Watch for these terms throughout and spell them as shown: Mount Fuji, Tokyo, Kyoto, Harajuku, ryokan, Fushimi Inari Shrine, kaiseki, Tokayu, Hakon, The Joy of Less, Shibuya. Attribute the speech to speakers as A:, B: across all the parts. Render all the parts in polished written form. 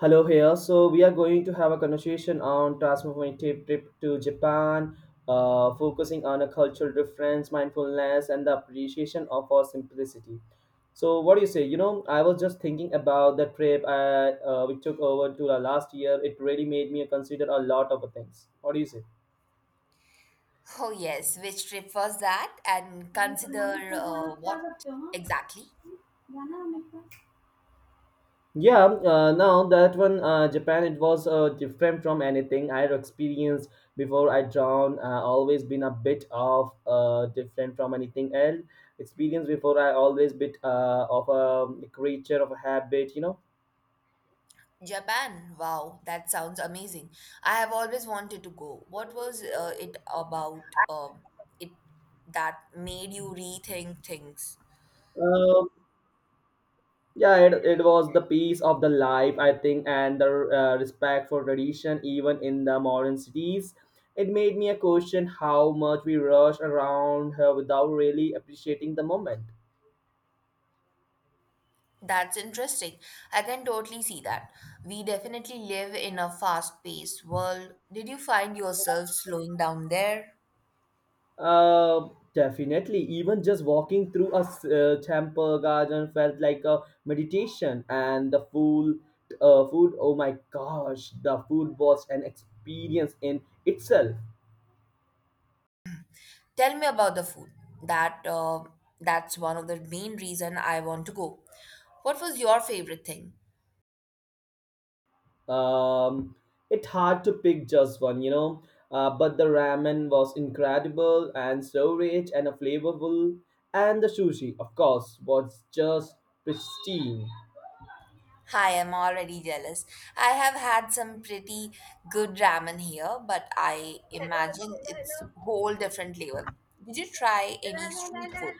A: Hello here. So we are going to have a conversation on transformative trip to Japan, focusing on a cultural difference, mindfulness, and the appreciation of our simplicity. So what do you say? You know, I was just thinking about the trip we took over to the last year. It really made me consider a lot of things. What do you say?
B: Oh, yes. Which trip was that? And consider what exactly?
A: Yeah, now that one, Japan, it was different from anything I had experienced before I drowned. Always been a bit of different from anything else. Experience before I always bit of a creature of a habit, you know.
B: Japan. Wow, that sounds amazing. I have always wanted to go. What was it about it that made you rethink things?
A: Um, yeah, it was the peace of the life, I think, and the respect for tradition, even in the modern cities. It made me a question how much we rush around without really appreciating the moment.
B: That's interesting. I can totally see that. We definitely live in a fast-paced world. Did you find yourself slowing down there?
A: Definitely. Even just walking through a temple garden felt like a meditation, and the food. Oh my gosh, the food was an experience in itself.
B: Tell me about the food. That uh, that's one of the main reason I want to go. What was your favorite thing?
A: Um, it's hard to pick just one, you know. But the ramen was incredible and so rich and flavorful, and the sushi, of course, was just pristine.
B: I am already jealous. I have had some pretty good ramen here, but I imagine it's whole different level. Did you try any street food?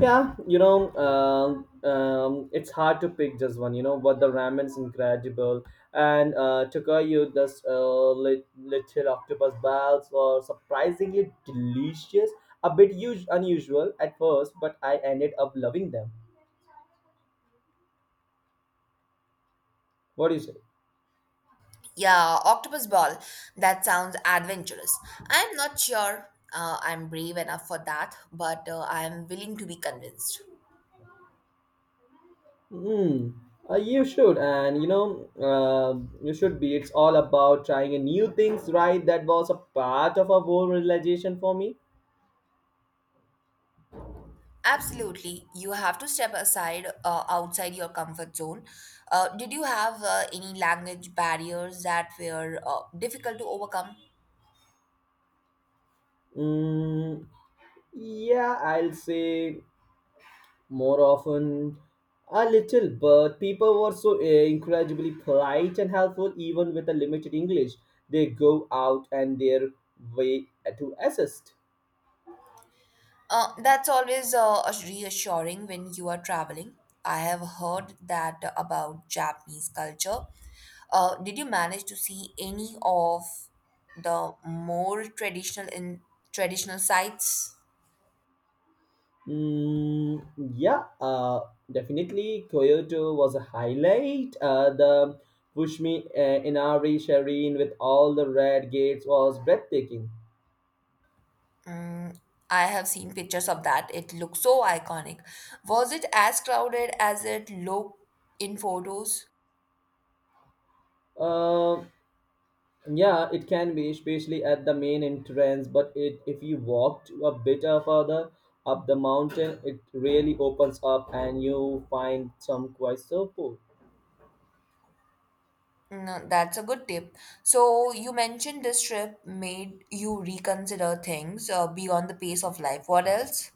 A: Yeah, you know, it's hard to pick just one. You know, but the ramen's incredible, and Tokayu does little octopus balls were surprisingly delicious. A bit unusual at first, but I ended up loving them. What do you say?
B: Yeah, octopus ball. That sounds adventurous. I'm not sure I'm brave enough for that, but I'm willing to be convinced.
A: Hmm. You should, and you know, you should be. It's all about trying a new things, right? That was a part of a whole realization for me.
B: Absolutely. You have to step aside outside your comfort zone. Did you have any language barriers that were difficult to overcome?
A: Mm, yeah, I'll say more often a little but people were so incredibly polite and helpful even with a limited english they go out and their way to assist.
B: That's always reassuring when you are traveling. I have heard that about Japanese culture. Did you manage to see any of the more traditional sites?
A: mm, yeah, definitely kyoto was a highlight, the pushmi inari Shrine with all the red gates was breathtaking.
B: Mm, I have seen pictures of that. It looks so iconic. Was it as crowded as it looked in photos?
A: Uh, yeah, it can be, especially at the main entrance. But it, if you walked a bit further up the mountain, it really opens up and you find some quite support.
B: No, that's a good tip. So, you mentioned this trip made you reconsider things beyond the pace of life. What else?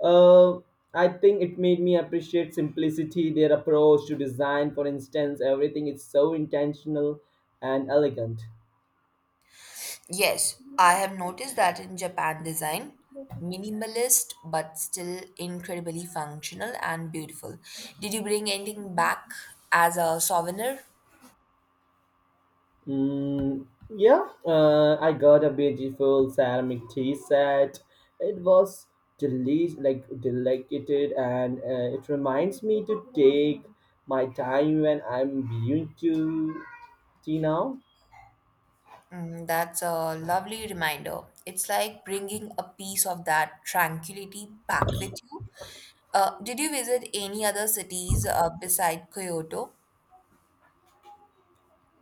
A: Uh, I think it made me appreciate simplicity, their approach to design, for instance. Everything is so intentional and elegant.
B: Yes, I have noticed that in Japan design, minimalist but still incredibly functional and beautiful. Did you bring anything back as a souvenir?
A: Mm, yeah, I got a beautiful ceramic tea set. It was delish, like delicated, and it reminds me to take my time when I'm viewing to tea now.
B: Mm, that's a lovely reminder. It's like bringing a piece of that tranquility back with you. Did you visit any other cities beside Kyoto?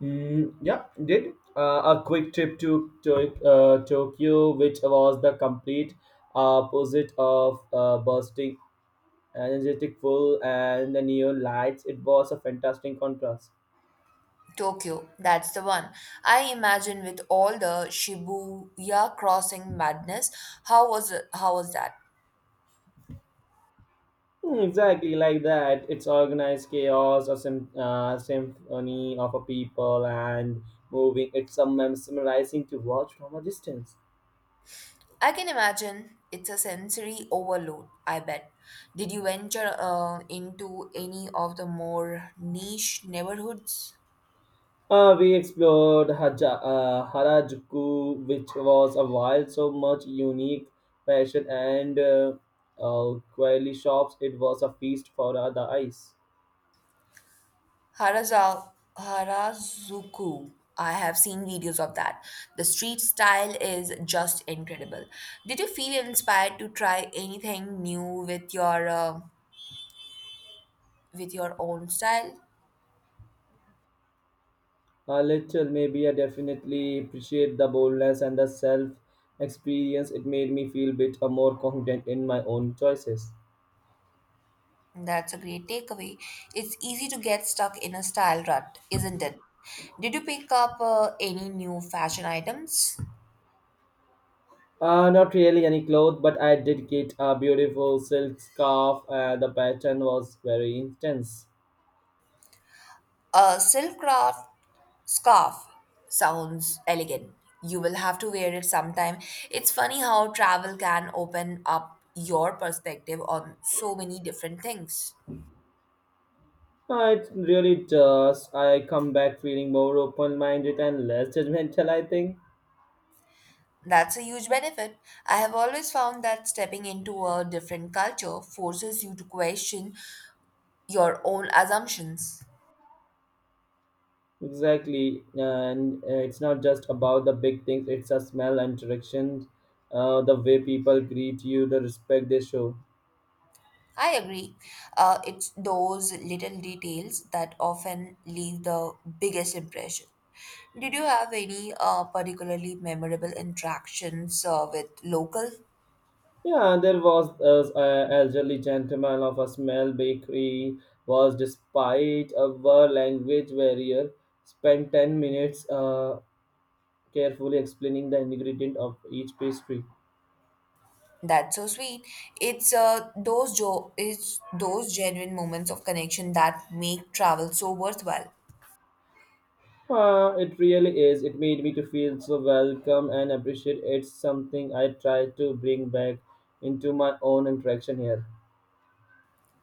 A: Yeah, did a quick trip to Tokyo, which was the complete opposite of bursting, energetic full, and the neon lights. It was a fantastic contrast.
B: Tokyo, that's the one. I imagine with all the Shibuya crossing madness, how was that?
A: Exactly like that. It's organized chaos, a symphony of a people and moving. It's a mesmerizing to watch from a distance.
B: I can imagine it's a sensory overload, I bet. Did you venture into any of the more niche neighborhoods?
A: We explored Harajuku, which was a wild, so much unique fashion and quality shops. It was a feast for the eyes.
B: Harajuku. I have seen videos of that. The street style is just incredible. Did you feel inspired to try anything new with your own style?
A: A little, maybe I definitely appreciate the boldness and the self experience. It made me feel bit more confident in my own choices.
B: That's a great takeaway. It's easy to get stuck in a style rut, isn't it? Did you pick up any new fashion items?
A: Not really any cloth, but I did get a beautiful silk scarf. The pattern was very intense.
B: Silk craft Scarf sounds elegant. You will have to wear it sometime. It's funny how travel can open up your perspective on so many different things.
A: It really does. I come back feeling more open minded and less judgmental, I think.
B: That's a huge benefit. I have always found that stepping into a different culture forces you to question your own assumptions.
A: Exactly. And it's not just about the big things, it's a smell and direction, the way people greet you, the respect they show.
B: I agree. It's those little details that often leave the biggest impression. Did you have any particularly memorable interactions with locals?
A: Yeah, and there was an elderly gentleman of a small bakery was, despite our language barrier, spent 10 minutes carefully explaining the ingredient of each pastry.
B: That's so sweet. It's those genuine moments of connection that make travel so worthwhile.
A: It really is. It made me to feel so welcome and appreciate. It's something I try to bring back into my own interaction here.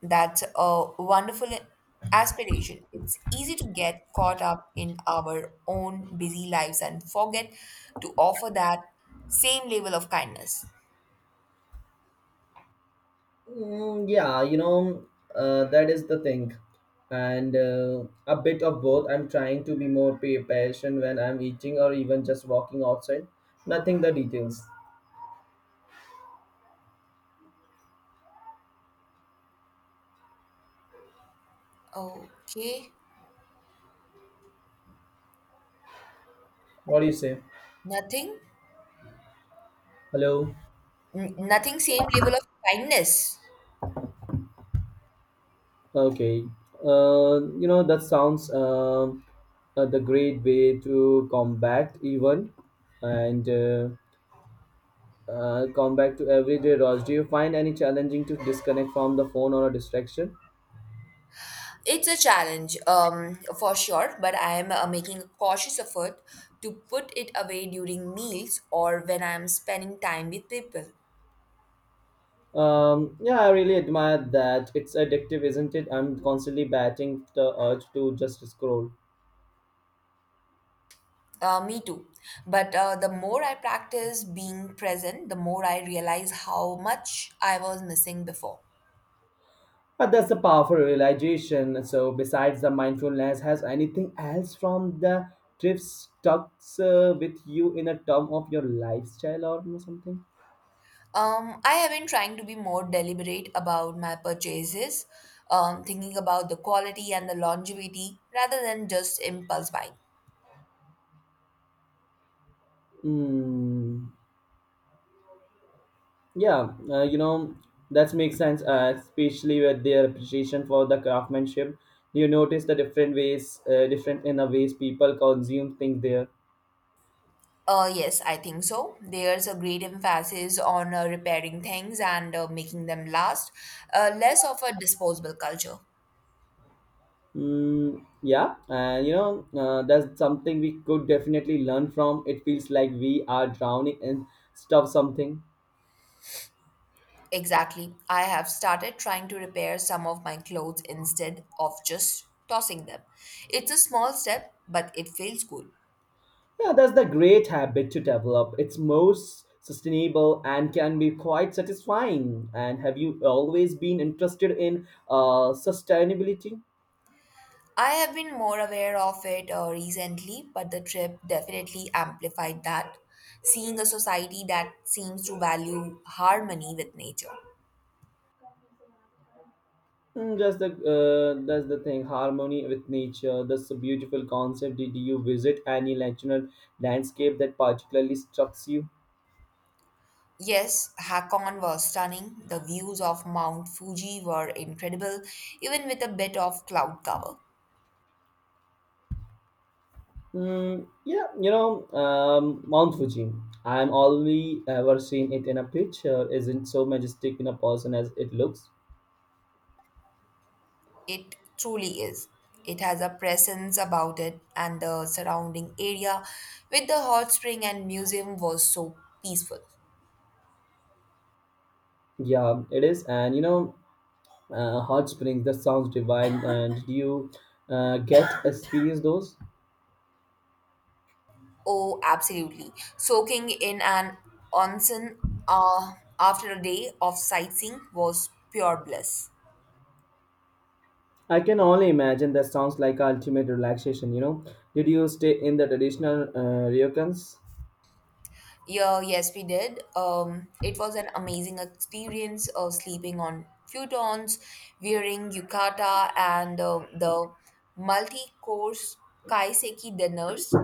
B: That's a wonderful aspiration. It's easy to get caught up in our own busy lives and forget to offer that same level of kindness.
A: Yeah, you know, that is the thing. And a bit of both. I'm trying to be more patient when I'm eating or even just walking outside. Nothing the details.
B: Okay,
A: What do you say?
B: nothing,
A: Hello.
B: Nothing, same level of kindness.
A: Okay. You know, that sounds the great way to combat even and combat to everyday rush. Do you find any challenging to disconnect from the phone or a distraction?
B: It's a challenge, for sure, but I am making a cautious effort to put it away during meals or when I'm spending time with people.
A: Yeah, I really admire that. It's addictive, isn't it? I'm constantly batting the urge to just scroll.
B: Me too. But the more I practice being present, the more I realize how much I was missing before.
A: But that's a powerful realization. So, besides the mindfulness, has anything else from the trip stuck with you in a term of your lifestyle or something?
B: I have been trying to be more deliberate about my purchases, thinking about the quality and the longevity rather than just impulse buying.
A: Mm, yeah, you know, that makes sense, especially with their appreciation for the craftsmanship. You notice the different different in the ways people consume things there.
B: Yes, I think so. There's a great emphasis on repairing things and making them last, less of a disposable culture.
A: Yeah, and you know, that's something we could definitely learn from. It feels like we are drowning in stuff, something.
B: Exactly. I have started trying to repair some of my clothes instead of just tossing them. It's a small step, but it feels good.
A: Yeah, that's the great habit to develop. It's most sustainable and can be quite satisfying. And have you always been interested in sustainability?
B: I have been more aware of it recently, but the trip definitely amplified that. Seeing a society that seems to value harmony with nature.
A: That's the thing. Harmony with nature. That's a beautiful concept. Did you visit any natural landscape that particularly struck you?
B: Yes, Hakon was stunning. The views of Mount Fuji were incredible, even with a bit of cloud cover.
A: Yeah, you know, Mount Fuji. I'm only ever seen it in a picture. Isn't so majestic in a person as it looks.
B: It truly is. It has a presence about it, and the surrounding area with the hot spring and museum was so peaceful.
A: Yeah, it is. And you know, hot springs. That sounds divine. And do you get experience those?
B: Oh, absolutely. Soaking in an onsen uh, after a day of sightseeing was pure bliss.
A: I can only imagine. That sounds like ultimate relaxation. You know, did you stay in the traditional ryokans?
B: Yeah, yes, we did. It was an amazing experience of sleeping on futons, wearing yukata, and the multi course kaiseki dinners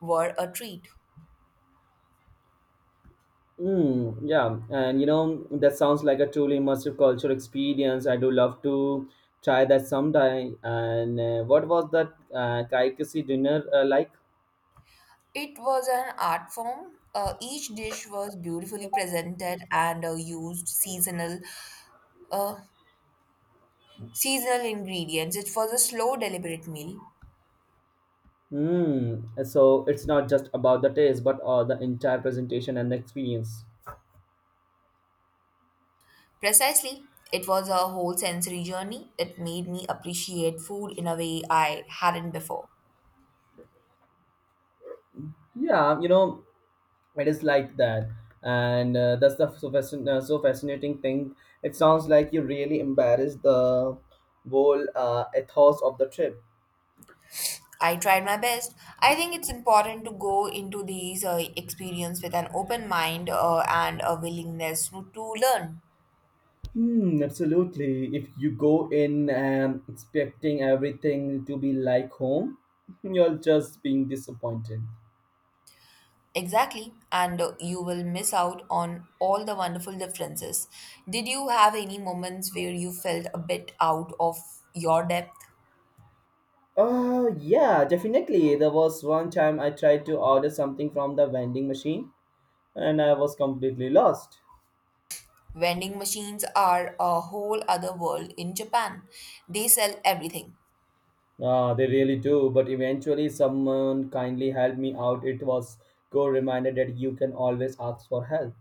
B: were a treat.
A: Yeah, and you know, that sounds like a truly immersive cultural experience. I do love to try that someday. And what was that Kaikisi dinner like?
B: It was an art form. Each dish was beautifully presented and used uh, seasonal ingredients. It was a slow, deliberate meal.
A: So it's not just about the taste, but the entire presentation and the experience.
B: Precisely, it was a whole sensory journey. It made me appreciate food in a way I hadn't before.
A: Yeah, you know, it is like that. And that's the so, so fascinating thing. It sounds like you really embarrassed the whole ethos of the trip.
B: I tried my best. I think it's important to go into these experience with an open mind and a willingness to learn.
A: Hmm, absolutely. If you go in expecting everything to be like home, you're just being disappointed.
B: Exactly, and you will miss out on all the wonderful differences. Did you have any moments where you felt a bit out of your depth?
A: Yeah, definitely. There was one time I tried to order something from the vending machine and I was completely lost.
B: Vending machines are a whole other world in Japan. They sell everything.
A: Ah, they really do, but eventually someone kindly helped me out. It was good reminder that you can always ask for help.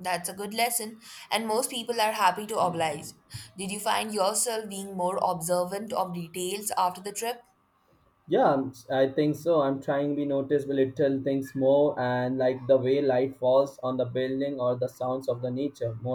B: That's a good lesson, and most people are happy to oblige. Did you find yourself being more observant of details after the trip?
A: Yeah, I think so. I'm trying to be the little things more and like the way light falls on the building or the sounds of the nature more